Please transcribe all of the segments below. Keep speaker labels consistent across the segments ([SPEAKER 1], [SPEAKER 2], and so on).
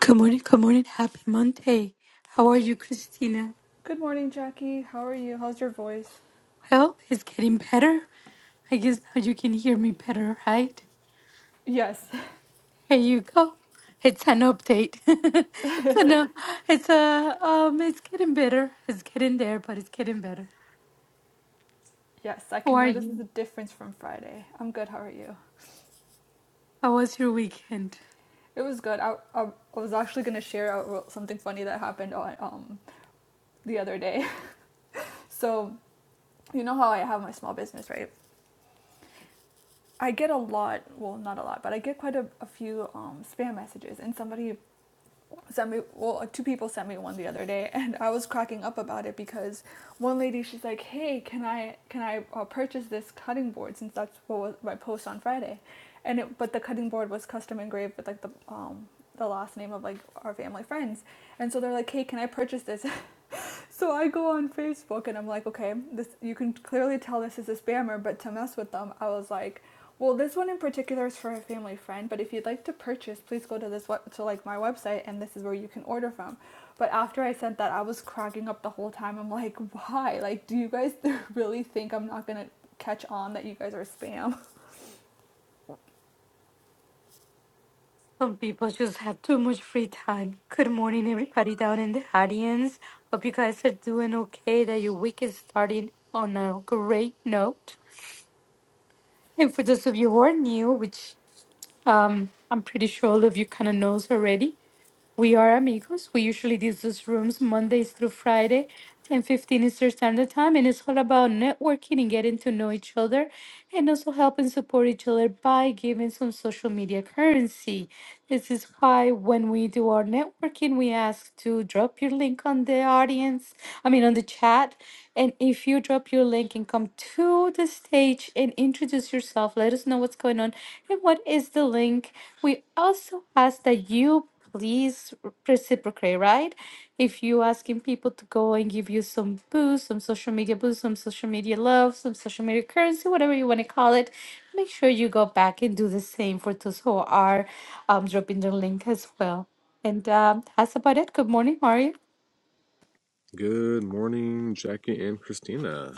[SPEAKER 1] Good morning, good morning. Happy Monday. How are you, Christina?
[SPEAKER 2] Good morning, Jackie. How are you? How's your voice?
[SPEAKER 1] Well, it's getting better. I guess now you can hear me better, right?
[SPEAKER 2] Yes,
[SPEAKER 1] Here you go. It's an update. so no, it's a um, it's getting better. It's getting there, but it's getting better.
[SPEAKER 2] yes, I
[SPEAKER 1] How
[SPEAKER 2] can
[SPEAKER 1] are
[SPEAKER 2] notice
[SPEAKER 1] you?
[SPEAKER 2] the difference from Friday. I'm good. How are you?
[SPEAKER 1] How was your weekend?
[SPEAKER 2] It was good. I, I, I was actually going to share uh, something funny that happened on, um, the other day. So, you know how I have my small business, right? I get a lot, well, not a lot, but I get quite a, a few um, spam messages, and somebody sent me well two people sent me one the other day and i was cracking up about it because one lady she's like hey can i can i uh, purchase this cutting board since that's what was my post on friday and it but the cutting board was custom engraved with like the um the last name of like our family friends and so they're like hey can i purchase this So I go on Facebook and I'm like, okay, this you can clearly tell this is a spammer, but to mess with them, I was like, well, this one in particular is for a family friend, but if you'd like to purchase, please go to this to like my website and this is where you can order from. But after I sent that, I was cracking up the whole time. I'm like, why? Like, do you guys really think I'm not gonna catch on that you guys are spam?
[SPEAKER 1] Some people just have too much free time. Good morning, everybody down in the audience. Hope you guys are doing okay. That your week is starting on a great note. And for those of you who are new, which um, I'm pretty sure all of you kind of knows already, we are amigos. We usually do these rooms Mondays through Friday, 10:15 Eastern Standard Time, and it's all about networking and getting to know each other and also helping support each other by giving some social media currency. This is why when we do our networking, we ask to drop your link on the audience, I mean on the chat. And if you drop your link and come to the stage and introduce yourself, let us know what's going on and what is the link. We also ask that you please reciprocate, right? If you asking people to go and give you some boost, some social media boost, some social media love, some social media currency, whatever you want to call it, make sure you go back and do the same for those who are um, dropping their link as well. And um, that's about it. Good morning, Mario.
[SPEAKER 3] Good morning, Jackie and Christina.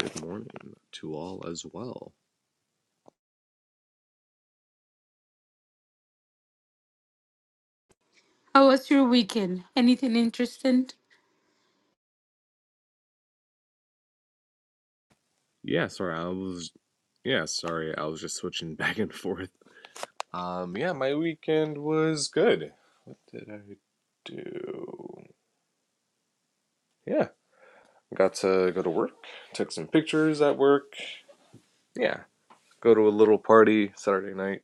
[SPEAKER 3] Good morning to all as well.
[SPEAKER 1] How was your weekend? Anything interesting?
[SPEAKER 3] Yeah, sorry, I was yeah, sorry, I was just switching back and forth. Um, yeah, my weekend was good. What did I do? Yeah, got to go to work, took some pictures at work. Yeah, go to a little party Saturday night.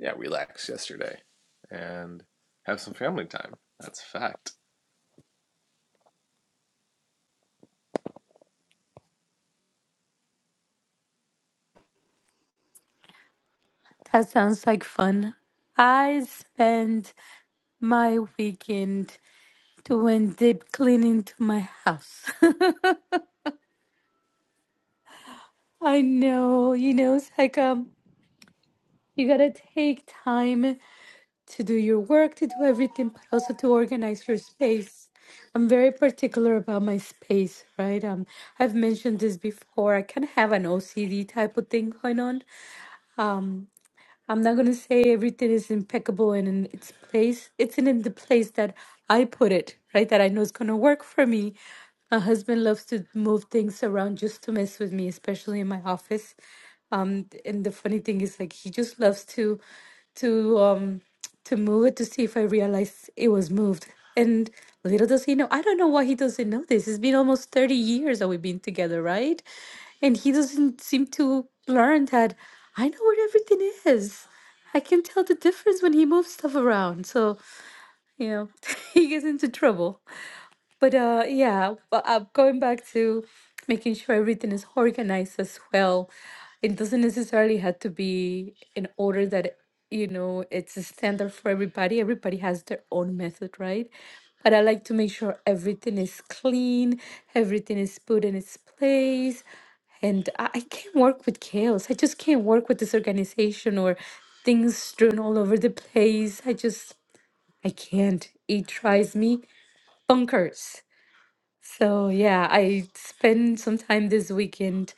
[SPEAKER 3] Yeah, relax yesterday and have some family time. That's a fact.
[SPEAKER 1] That sounds like fun. I spent my weekend doing deep cleaning to my house. I know, you know, it's like um, you gotta take time to do your work, to do everything, but also to organize your space. I'm very particular about my space, right? Um, I've mentioned this before. I kind of have an OCD type of thing going on. I'm not gonna say everything is impeccable and in its place. It's in the place that I put it, right? That I know is gonna work for me. My husband loves to move things around just to mess with me, especially in my office. Um, and the funny thing is, like, he just loves to, to um to move it to see if I realized it was moved. And little does he know, I don't know why he doesn't know this. It's been almost 30 years that we've been together, right? And he doesn't seem to learn that I know where everything is. I can tell the difference when he moves stuff around. So, you know, he gets into trouble. But uh, yeah, but uh, going back to making sure everything is organized as well. It doesn't necessarily have to be in order that you know it's a standard for everybody. Everybody has their own method, right? But I like to make sure everything is clean, everything is put in its place, and I, I can't work with chaos. I just can't work with disorganization or things strewn all over the place. I just I can't. It drives me bonkers. So yeah, I spent some time this weekend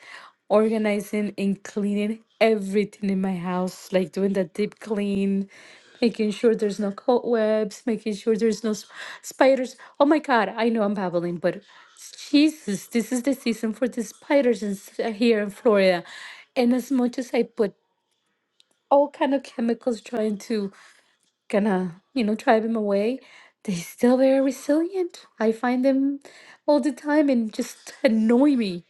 [SPEAKER 1] organizing and cleaning everything in my house, like doing the deep clean, making sure there's no cobwebs, making sure there's no s- spiders. Oh my God, I know I'm babbling, but Jesus, this is the season for the spiders in, s- uh, here in Florida. And as much as I put all kind of chemicals trying to gonna, you know, drive them away, they still very resilient. I find them all the time and just annoy me.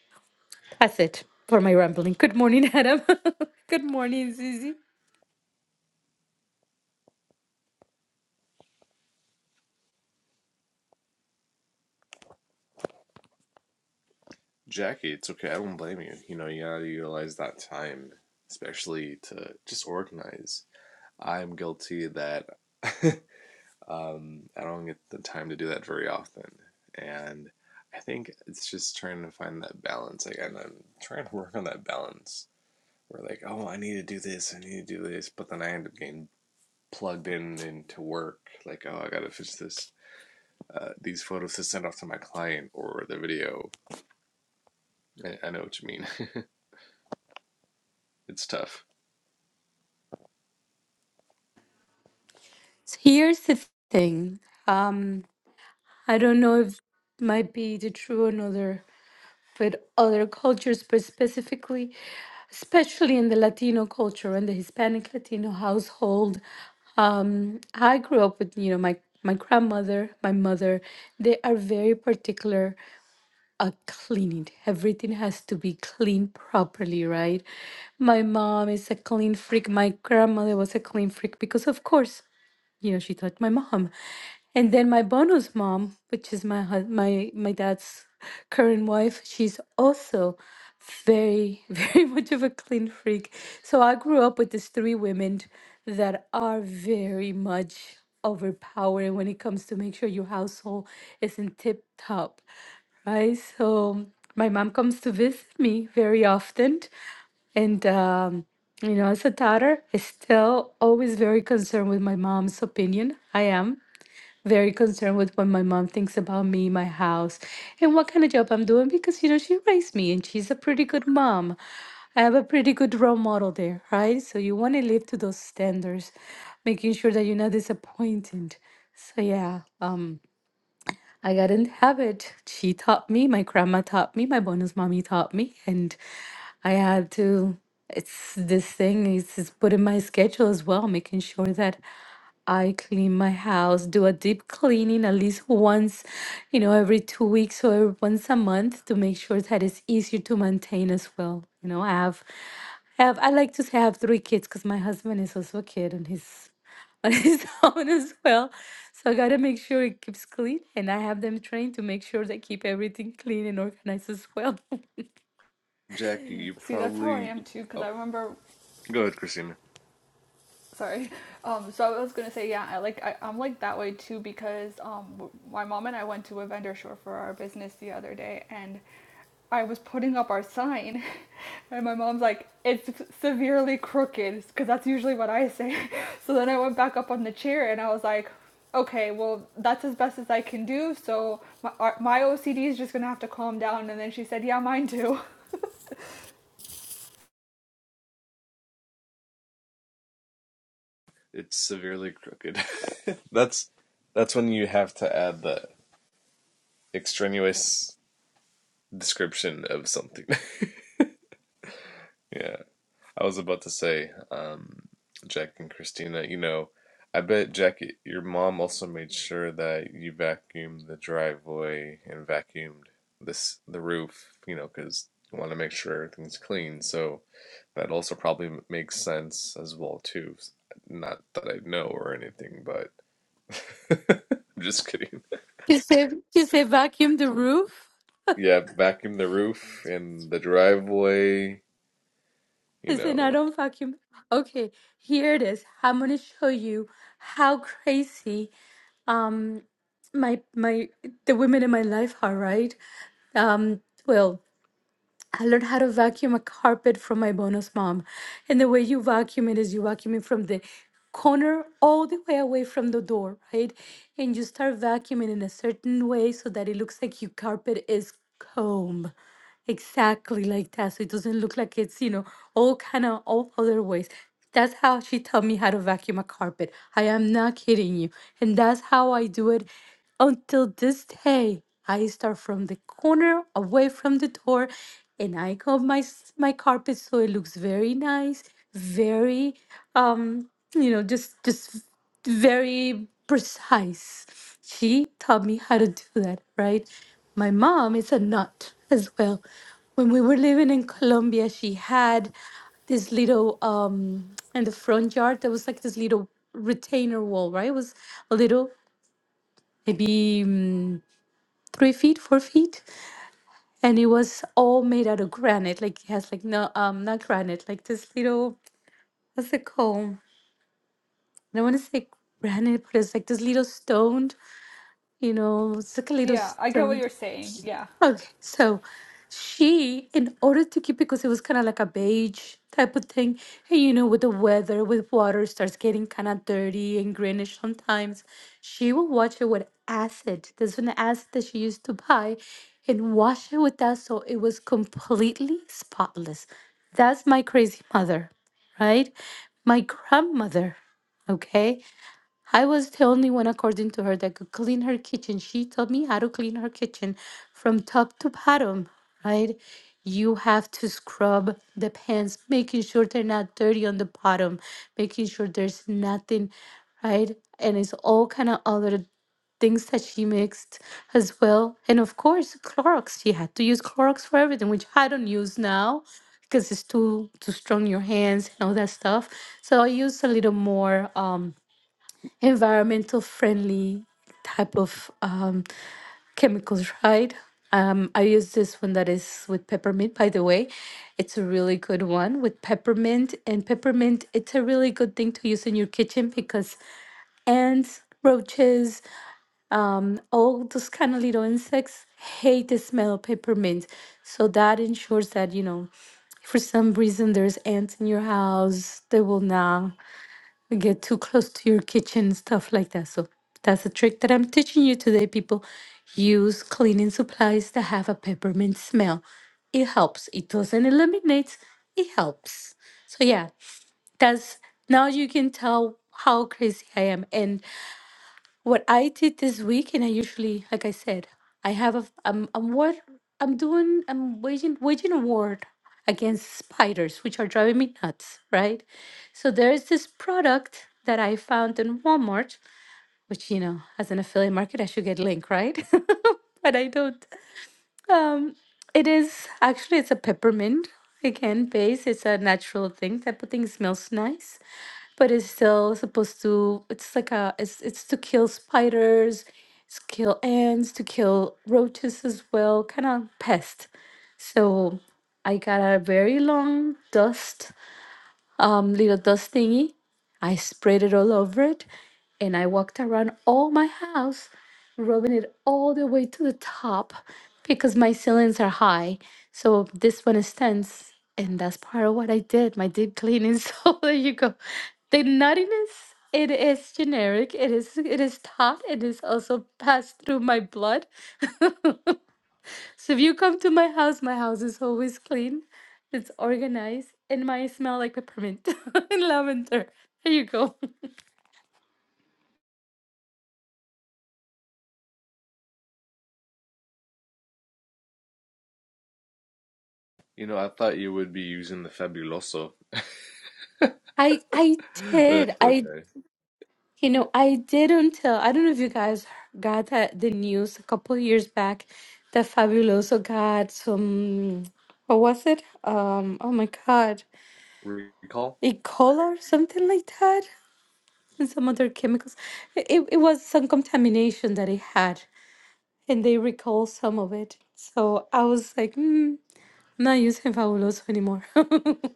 [SPEAKER 1] That's it for my rambling. Good morning, Adam. Good morning, Susie.
[SPEAKER 3] Jackie, it's okay. I don't blame you. You know, you gotta utilize that time, especially to just organize. I'm guilty that um, I don't get the time to do that very often. And I think it's just trying to find that balance. Like, and I'm trying to work on that balance. We're like, oh, I need to do this, I need to do this. But then I end up getting plugged in into work. Like, oh, I gotta finish this uh, these photos to send off to my client or the video. I, I know what you mean. It's tough.
[SPEAKER 1] So here's the thing. Um, I don't know if might be the true in other with other cultures, but specifically, especially in the Latino culture and the Hispanic Latino household. Um, I grew up with, you know, my my grandmother, my mother. They are very particular uh cleaning. Everything has to be cleaned properly, right? My mom is a clean freak. My grandmother was a clean freak because, of course, you know, she thought my mom. And then my Bono's mom, which is my hus- my my dad's current wife, she's also very very much of a clean freak. So I grew up with these three women that are very much overpowering when it comes to make sure your household is in tip top, right? So my mom comes to visit me very often, and, um, you know, as a daughter, I still always very concerned with my mom's opinion. I am very concerned with what my mom thinks about me, my house, and what kind of job I'm doing because, you know, she raised me and she's a pretty good mom. I have a pretty good role model there, right? So you want to live to those standards, making sure that you're not disappointed. So, yeah. Um, I got in the habit. She taught me, my grandma taught me, my bonus mommy taught me, and I had to. It's this thing. It's, it's put in my schedule as well, making sure that I clean my house, do a deep cleaning at least once, you know, every two weeks or once a month to make sure that it's easier to maintain as well. You know, I have, I have, I like to say I have three kids because my husband is also a kid and he's on his own as well. So I gotta make sure it keeps clean, and I have them trained to make sure they keep everything clean and organized as well.
[SPEAKER 3] Jackie, you
[SPEAKER 2] See, that's how I
[SPEAKER 3] probably.
[SPEAKER 2] am too, because I
[SPEAKER 3] Oh,
[SPEAKER 2] remember
[SPEAKER 3] go ahead, Christina.
[SPEAKER 2] Sorry. Um, so I was gonna say, yeah, I like I, I'm like that way too because um, my mom and I went to a vendor store for our business the other day, and I was putting up our sign, and my mom's like, "It's severely crooked," because that's usually what I say. So then I went back up on the chair, and I was like, "Okay, well, that's as best as I can do." So my my OCD is just gonna have to calm down. And then she said, "Yeah, mine too."
[SPEAKER 3] It's severely crooked. that's that's when you have to add the extraneous description of something. yeah. I was about to say, um, Jack and Christina, you know, I bet Jack, y- your mom also made sure that you vacuumed the driveway and vacuumed this the roof, you know, because you want to make sure everything's clean. So that also probably m- makes sense as well too. S- Not that I know or anything, but I'm just kidding.
[SPEAKER 1] You say you say vacuum the roof.
[SPEAKER 3] Yeah, vacuum the roof and the driveway, you
[SPEAKER 1] Listen, I
[SPEAKER 3] know.
[SPEAKER 1] don't vacuum. Okay, here it is. I'm gonna show you how crazy um my my the women in my life are, right? Um, well, I learned how to vacuum a carpet from my bonus mom. And the way you vacuum it is you vacuum it from the corner all the way away from the door, right? And you start vacuuming in a certain way so that it looks like your carpet is comb exactly like that. So it doesn't look like it's, you know, all kind of all other ways. That's how she taught me how to vacuum a carpet. I am not kidding you. And that's how I do it until this day. I start from the corner, away from the door, and I comb my s- my carpet so it looks very nice, very um, you know, just just very precise. She taught me how to do that, right? My mom is a nut as well. When we were living in Colombia, she had this little um in the front yard there was like this little retainer wall, right? It was a little, maybe mm, three feet, four feet, and it was all made out of granite. Like it has like no um not granite, like this little what's it called? I don't want to say granite, but it's like this little stone, you know, it's like a little
[SPEAKER 2] yeah, I get what
[SPEAKER 1] stone.
[SPEAKER 2] you're saying. Yeah.
[SPEAKER 1] Okay, so she, in order to keep it, because it was kind of like a beige type of thing, and you know, with the weather, with water starts getting kind of dirty and greenish sometimes, she would wash it with acid. This was an acid that she used to buy, and wash it with that so it was completely spotless. That's my crazy mother, right? My grandmother, okay? I was the only one, according to her, that could clean her kitchen. She taught me how to clean her kitchen from top to bottom, right? You have to scrub the pans, making sure they're not dirty on the bottom, making sure there's nothing, right? And it's all kind of other things that she mixed as well. And of course, Clorox. She had to use Clorox for everything, which I don't use now because it's too too strong in your hands and all that stuff. So I use a little more. Um, environmental friendly type of um, chemicals, right? Um, I use this one that is with peppermint, by the way. It's a really good one with peppermint. And peppermint, it's a really good thing to use in your kitchen because ants, roaches, all those kind of little insects hate the smell of peppermint. So that ensures that, you know, for some reason there's ants in your house, they will not or get too close to your kitchen, stuff like that. So that's a trick that I'm teaching you today, people. Use cleaning supplies that have a peppermint smell. It helps. It doesn't eliminate, it helps. So yeah, that's now you can tell how crazy I am. And what I did this week, and I usually, like I said, I have a, I'm, I'm what I'm doing, I'm waging, waging a war against spiders, which are driving me nuts, right? So there is this product that I found in Walmart, which, you know, as an affiliate market, I should get link, right? but I don't. It is actually, it's a peppermint, again, base. It's a natural thing. That thing smells nice but it's still supposed to it's like a it's it's to kill spiders it's kill ants to kill roaches as well kind of pest so i got a very long dust um, little dust thingy. I sprayed it all over it and I walked around all my house, rubbing it all the way to the top because my ceilings are high. So this one is tense. And that's part of what I did, my deep cleaning. So there you go. The nuttiness, it is generic. It is it is taught. It is also passed through my blood. So if you come to my house, my house is always clean. It's organized and my smell like peppermint and lavender. There you go.
[SPEAKER 3] You know, I thought you would be using the Fabuloso,
[SPEAKER 1] I I
[SPEAKER 3] but
[SPEAKER 1] did.
[SPEAKER 3] that's
[SPEAKER 1] I
[SPEAKER 3] okay.
[SPEAKER 1] you know, I did until I don't know if you guys got that, the news a couple years back that Fabuloso got some what was it? Um oh my god.
[SPEAKER 3] recall.
[SPEAKER 1] E. coli or something like that. And some other chemicals. It it was some contamination that it had. and they recall some of it. So I was like, mm, I'm not using Fabuloso anymore. I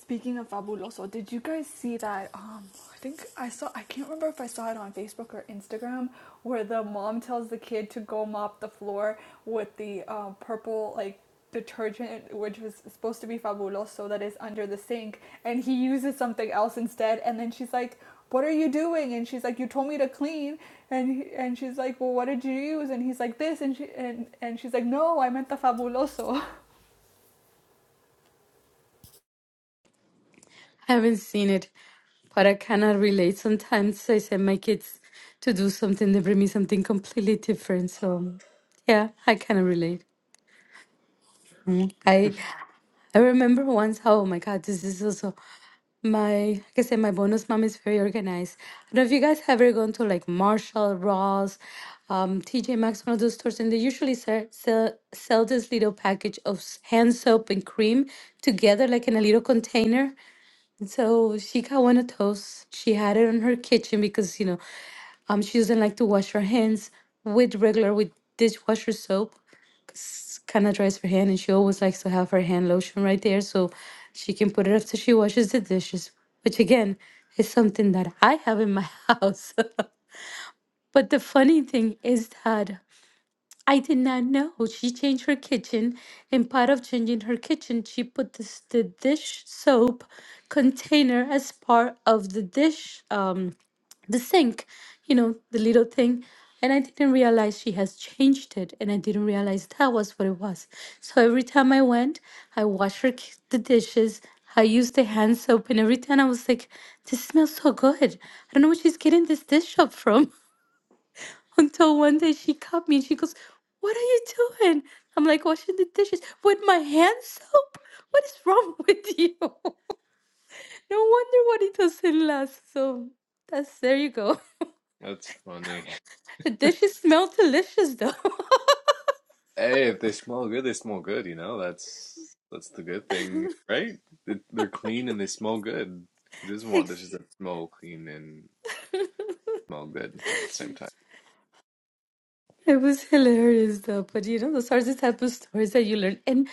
[SPEAKER 2] Speaking of Fabuloso, did you guys see that? Um, I think I saw, I can't remember if I saw it on Facebook or Instagram, where the mom tells the kid to go mop the floor with the uh, purple, like, detergent, which was supposed to be Fabuloso, that is under the sink, and he uses something else instead. And then she's like, what are you doing? And she's like, you told me to clean. And he- and she's like, well, what did you use? And he's like, this. And she and, and she's like, no, I meant the Fabuloso.
[SPEAKER 1] haven't seen it, but I cannot relate. Sometimes I send my kids to do something, they bring me something completely different. So yeah, I kind of relate. I I remember once how, oh my God, this is also my, like I said, my bonus mom is very organized. I don't know if you guys have ever gone to like Marshall, Ross, um, TJ Maxx, one of those stores, and they usually sell, sell, sell this little package of s- hand soap and cream together, like in a little container. And so she got one of those. She had it in her kitchen because, you know, um, she doesn't like to wash her hands with regular, with dishwasher soap kind of dries her hand, and she always likes to have her hand lotion right there so she can put it after she washes the dishes, which again is something that I have in my house. but the funny thing is that I did not know. She changed her kitchen, and part of changing her kitchen, she put this, the dish soap container as part of the dish, um, the sink, you know, the little thing. And I didn't realize she has changed it, and I didn't realize that was what it was. So every time I went, I washed her ki- the dishes. I used the hand soap, and every time I was like, "This smells so good. I don't know where she's getting this dish soap from." until one day she caught me and she goes, What are you doing? I'm like, washing the dishes with my hand soap? What is wrong with you? No wonder what it doesn't last. So that's there you go.
[SPEAKER 3] That's funny.
[SPEAKER 1] The dishes smell delicious though.
[SPEAKER 3] Hey, if they smell good, they smell good. You know, that's that's the good thing, right? They- They're clean and they smell good. Who doesn't want
[SPEAKER 1] Ex-
[SPEAKER 3] dishes that smell clean and smell good at the same time?
[SPEAKER 1] It was hilarious though, but you know, those are the type of stories that you learn. And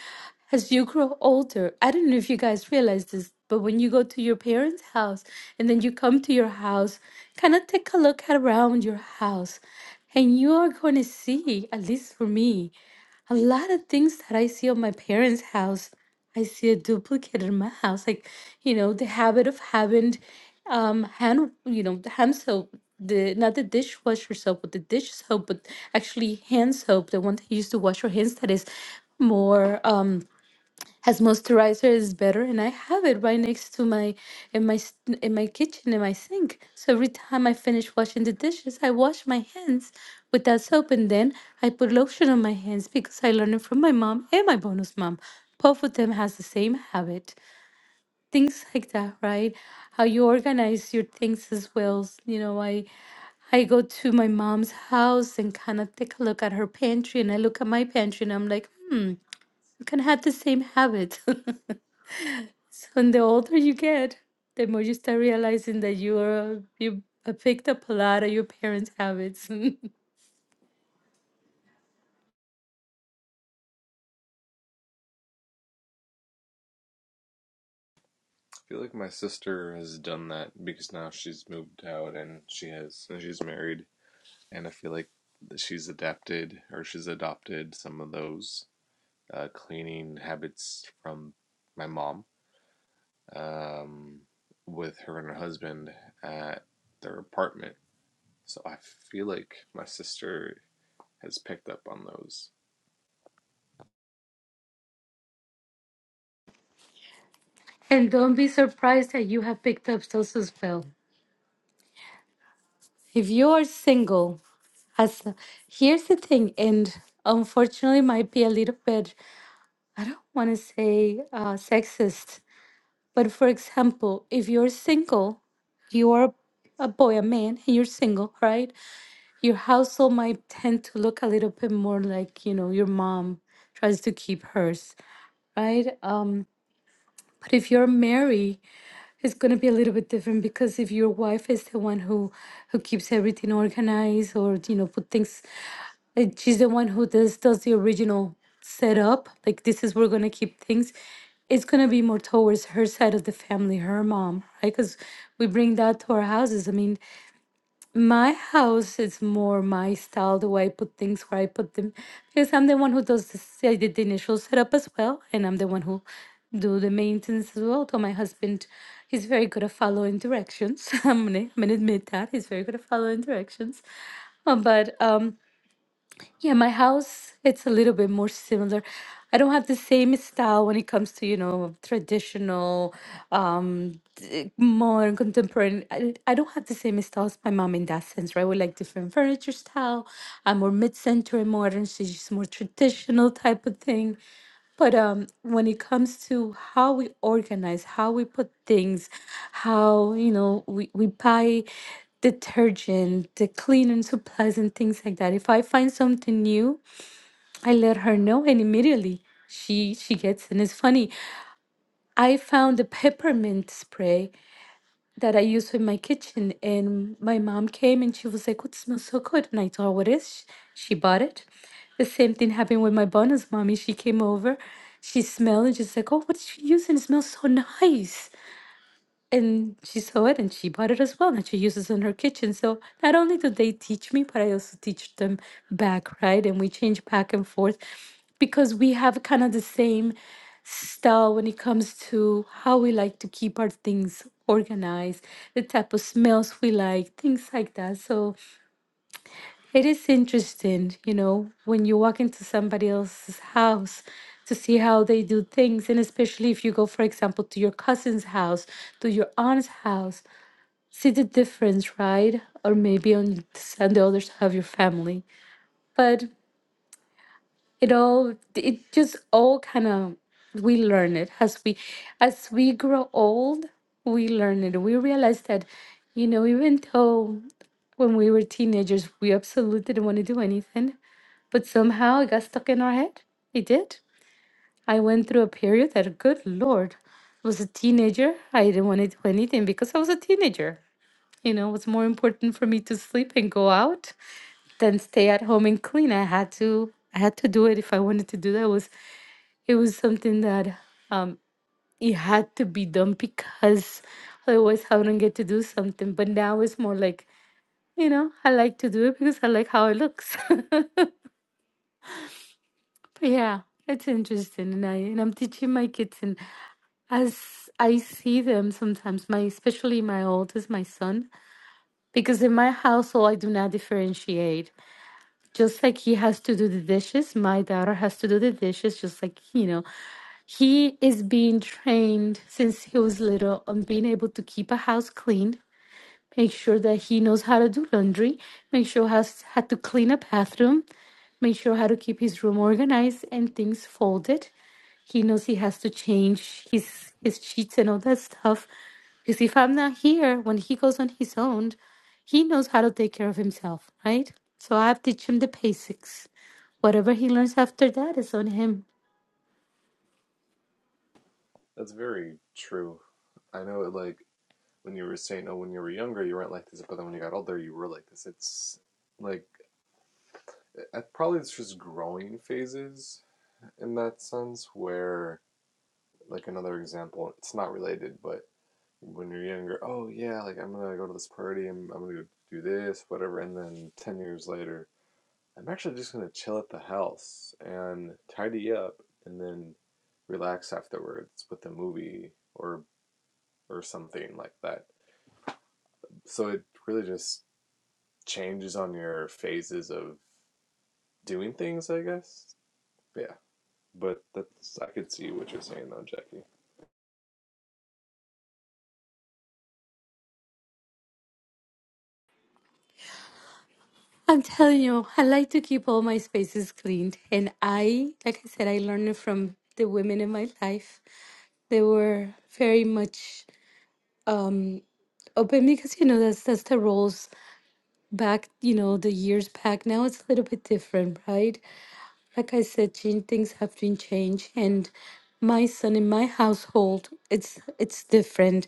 [SPEAKER 1] as you grow older, I don't know if you guys realize this, but when you go to your parents' house and then you come to your house, kind of take a look at around your house, and you are going to see, at least for me a lot of things that I see on my parents' house, I see a duplicate in my house. Like, you know, the habit of having um hand you know, the hand soap, the not the dishwasher soap, but the dish soap, but actually hand soap, the one that you used to wash your hands that is more um as moisturizer is better and i have it right next to my in my s- in my kitchen in my sink so every time i finish washing the dishes i wash my hands with that soap and then i put lotion on my hands because i learned it from my mom and my bonus mom both of them has the same habit things like that right how you organize your things as well s- you know i I go to my mom's house and kind of take a look at her pantry, and I look at my pantry, and I'm like, hmm, I kind of have the same habit. So and the older you get, the more you start realizing that you're you uh, picked up a lot of your parents' habits.
[SPEAKER 3] I feel like my sister has done that because now she's moved out and she has and she's married, and I feel like that she's adapted or she's adopted some of those uh, cleaning habits from my mom. um, with her and her husband at their apartment. So I feel like my sister has picked up on those.
[SPEAKER 1] and don't be surprised that you have picked up those as well. If you are single, as here's the thing, and unfortunately might be a little bit I don't want to say uh, sexist, but for example, if you're single, you are a boy, a man, and you're single, right? your household might tend to look a little bit more like you know your mom tries to keep hers right um but if you're married it's going to be a little bit different because if your wife is the one who who keeps everything organized or you know put things like she's the one who does does the original setup like this is we're going to keep things it's going to be more towards her side of the family her mom right because we bring that to our houses i mean my house is more my style, the way I put things, where I put them, because I'm the one who does the, s- I did the initial setup as well, and I'm the one who do the maintenance as well. Though my husband, he's very good at following directions. I'm gonna, I'm gonna admit that he's very good at following directions. Uh, But um, yeah, my house, it's a little bit more similar. I don't have the same style when it comes to, you know, traditional um, more contemporary. I, I don't have the same style as my mom in that sense, right? We like different furniture style. I'm more mid-century modern. She's just more traditional type of thing. But um, when it comes to how we organize, how we put things, how you know we we buy detergent, the cleaning supplies, and things like that. If I find something new, I let her know, and immediately she she gets. And it's funny. I found a peppermint spray that I use in my kitchen. And my mom came and she was like, "What smells so good?" And I told her what it is. She bought it. The same thing happened with my bonus mommy. She came over, she smelled and she's like, "Oh, what did you use? And it smells so nice." and she saw it and she bought it as well and she uses it in her kitchen so not only do they teach me but i also teach them back right and we change back and forth because we have kind of the same style when it comes to how we like to keep our things organized the type of smells we like things like that so it is interesting you know when you walk into somebody else's house to see how they do things and especially if you go for example to your cousin's house to your aunt's house see the difference, right? Or maybe on s- and the others have your family. But it all it just all kind of we learn it as we as we grow old, we learn it. We realize that, you know, even though when we were teenagers we absolutely didn't want to do anything, but somehow it got stuck in our head. It did. I went through a period that good lord was a teenager. I didn't want to do anything because I was a teenager. You know, it was more important for me to sleep and go out than stay at home and clean. I had to I had to do it if I wanted to do that. It was it was something that um it had to be done because otherwise I wouldn't get to do something. But now it's more like, you know, I like to do it because I like how it looks. But yeah, it's interesting, and I and I'm teaching my kids, and as I see them sometimes, my especially my oldest, my son, because in my household I do not differentiate. just like he has to do the dishes, my daughter has to do the dishes, just like, you know, he is being trained since he was little on being able to keep a house clean, make sure that he knows how to do laundry, make sure has how to clean a bathroom, make sure how to keep his room organized and things folded. He knows he has to change his his sheets and all that stuff. Because if I'm not here, when he goes on his own, he knows how to take care of himself, right? So I've teach him the basics. Whatever he learns after that is on him.
[SPEAKER 3] That's very true. I know, like, when you were saying, oh, when you were younger, you weren't like this, but then when you got older, you were like this. It's like, I, probably it's just growing phases in that sense, where, like, another example, it's not related, but when you're younger, oh, yeah, like, I'm gonna go to this party, and I'm, I'm gonna do this, whatever, and then 10 years later, I'm actually just gonna chill at the house and tidy up and then relax afterwards with a movie or or something like that. So it really just changes on your phases of doing things, I guess. Yeah. But that's I could see what you're saying though, Jackie.
[SPEAKER 1] I'm telling you, I like to keep all my spaces cleaned. And I, like I said, I learned it from the women in my life. They were very much um, open because, you know, that's, that's the roles back, you know, the years back. Now it's a little bit different, right? Like I said, Jean, things have been changed, and my son in my household, it's it's different.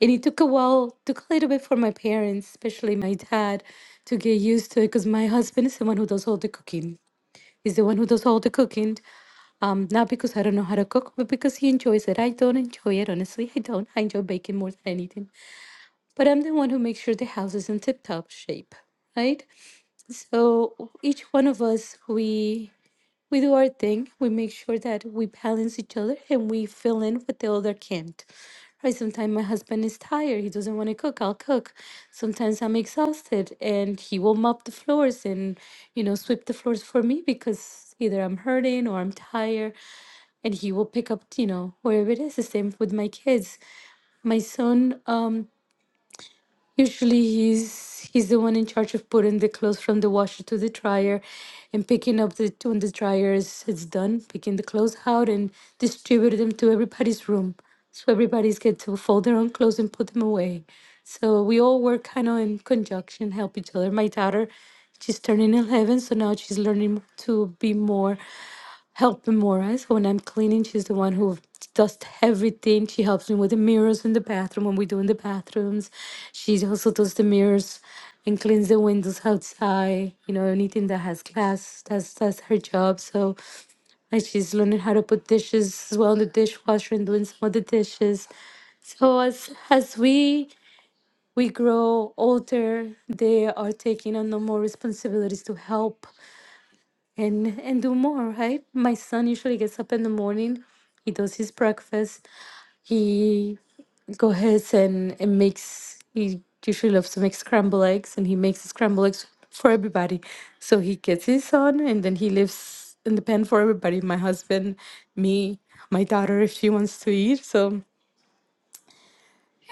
[SPEAKER 1] And it took a while, took a little bit for my parents, especially my dad, to get used to it, because my husband is the one who does all the cooking. He's the one who does all the cooking. Um, not because I don't know how to cook, but because he enjoys it. I don't enjoy it, honestly. I don't. I enjoy baking more than anything. But I'm the one who makes sure the house is in tip-top shape, right? so each one of us we we do our thing we make sure that we balance each other and we fill in what the other can't right sometimes my husband is tired he doesn't want to cook i'll cook sometimes i'm exhausted and he will mop the floors and you know sweep the floors for me because either i'm hurting or i'm tired and he will pick up you know wherever it is the same with my kids my son um Usually he's he's the one in charge of putting the clothes from the washer to the dryer and picking up the when the dryer is it's done, picking the clothes out and distribute them to everybody's room. So everybody's get to fold their own clothes and put them away. So we all work kind of in conjunction, help each other. My daughter, she's turning 11, so now she's learning to be more helping Maura. So when I'm cleaning, she's the one who does everything. She helps me with the mirrors in the bathroom when we're doing the bathrooms. She also does the mirrors and cleans the windows outside. You know, anything that has glass, that's that's her job. So and she's learning how to put dishes as well in the dishwasher and doing some of the dishes. So as as we we grow older, they are taking on no more responsibilities to help and and do more right my son usually gets up in the morning he does his breakfast he goes ahead and, and makes he usually loves to make scrambled eggs and he makes scrambled eggs for everybody so he gets his son and then he leaves in the pan for everybody my husband me my daughter if she wants to eat so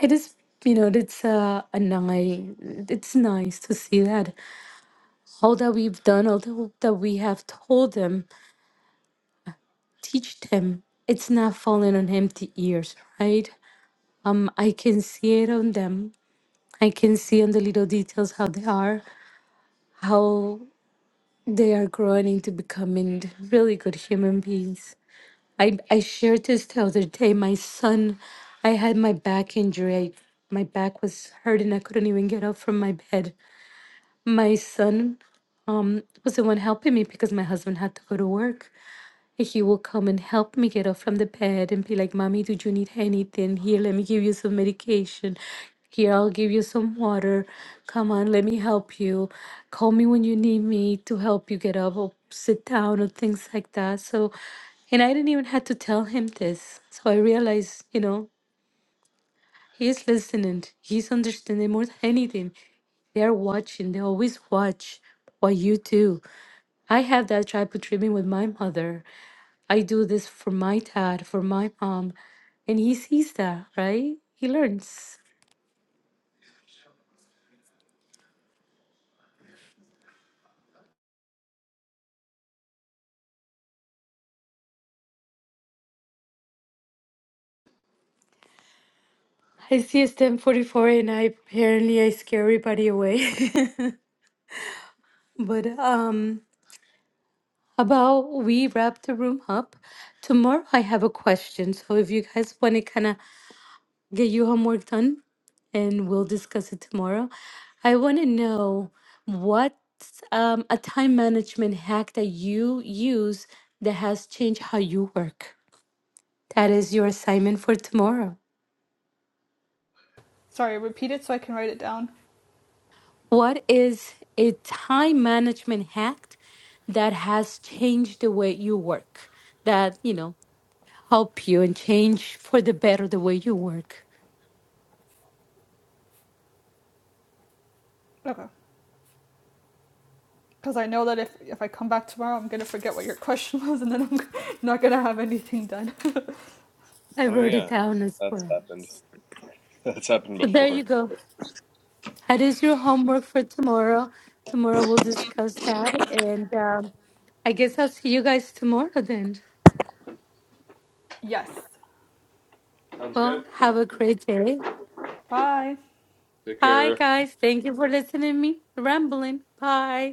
[SPEAKER 1] it is you know it's uh, a nice it's nice to see that all that we've done all that that we have told them teach them. It's not falling on empty ears, right? Um, I can see it on them. I can see on the little details how they are, how they are growing into becoming really good human beings. I, I shared this the other day. My son, I had my back injury. I, my back was hurting. I couldn't even get up from my bed. My son um, was the one helping me because my husband had to go to work. he will come and help me get up from the bed and be like, Mommy, do you need anything? Here, let me give you some medication. Here, I'll give you some water. Come on, let me help you. Call me when you need me to help you get up or sit down or things like that. So, and I didn't even have to tell him this. So I realized, you know, He's listening. He's understanding more than anything. They're watching. They always watch what you do. I have that tribal treatment with my mother. I do this for my dad, for my mom, and he sees that, right? He learns. I see it's 1044 and I apparently I scare everybody away. but um about we wrap the room up. Tomorrow I have a question. So if you guys want to kind of Get your homework done and we'll discuss it tomorrow. I want to know what um, a time management hack that you use that has changed how you work. That is your assignment for tomorrow.
[SPEAKER 2] Sorry, repeat it so I can write it down.
[SPEAKER 1] What is a time management hack that has changed the way you work? That, you know, help you and change for the better the way you work.
[SPEAKER 2] Okay. because I know that if if I come back tomorrow, I'm gonna forget what your question was, and then I'm not gonna have anything done.
[SPEAKER 1] I
[SPEAKER 3] Oh
[SPEAKER 1] wrote it
[SPEAKER 3] yeah,
[SPEAKER 1] down as
[SPEAKER 3] that's
[SPEAKER 1] well.
[SPEAKER 3] happened. That's happened
[SPEAKER 1] So there you
[SPEAKER 3] before.
[SPEAKER 1] go. That is your homework for tomorrow. Tomorrow we'll discuss that. And um, I guess I'll see you guys tomorrow then.
[SPEAKER 2] Yes.
[SPEAKER 3] Sounds good.
[SPEAKER 1] Well, have a great day.
[SPEAKER 2] Bye.
[SPEAKER 3] Take
[SPEAKER 1] Hi,
[SPEAKER 3] care.
[SPEAKER 1] guys. Thank you for listening to me rambling. Bye.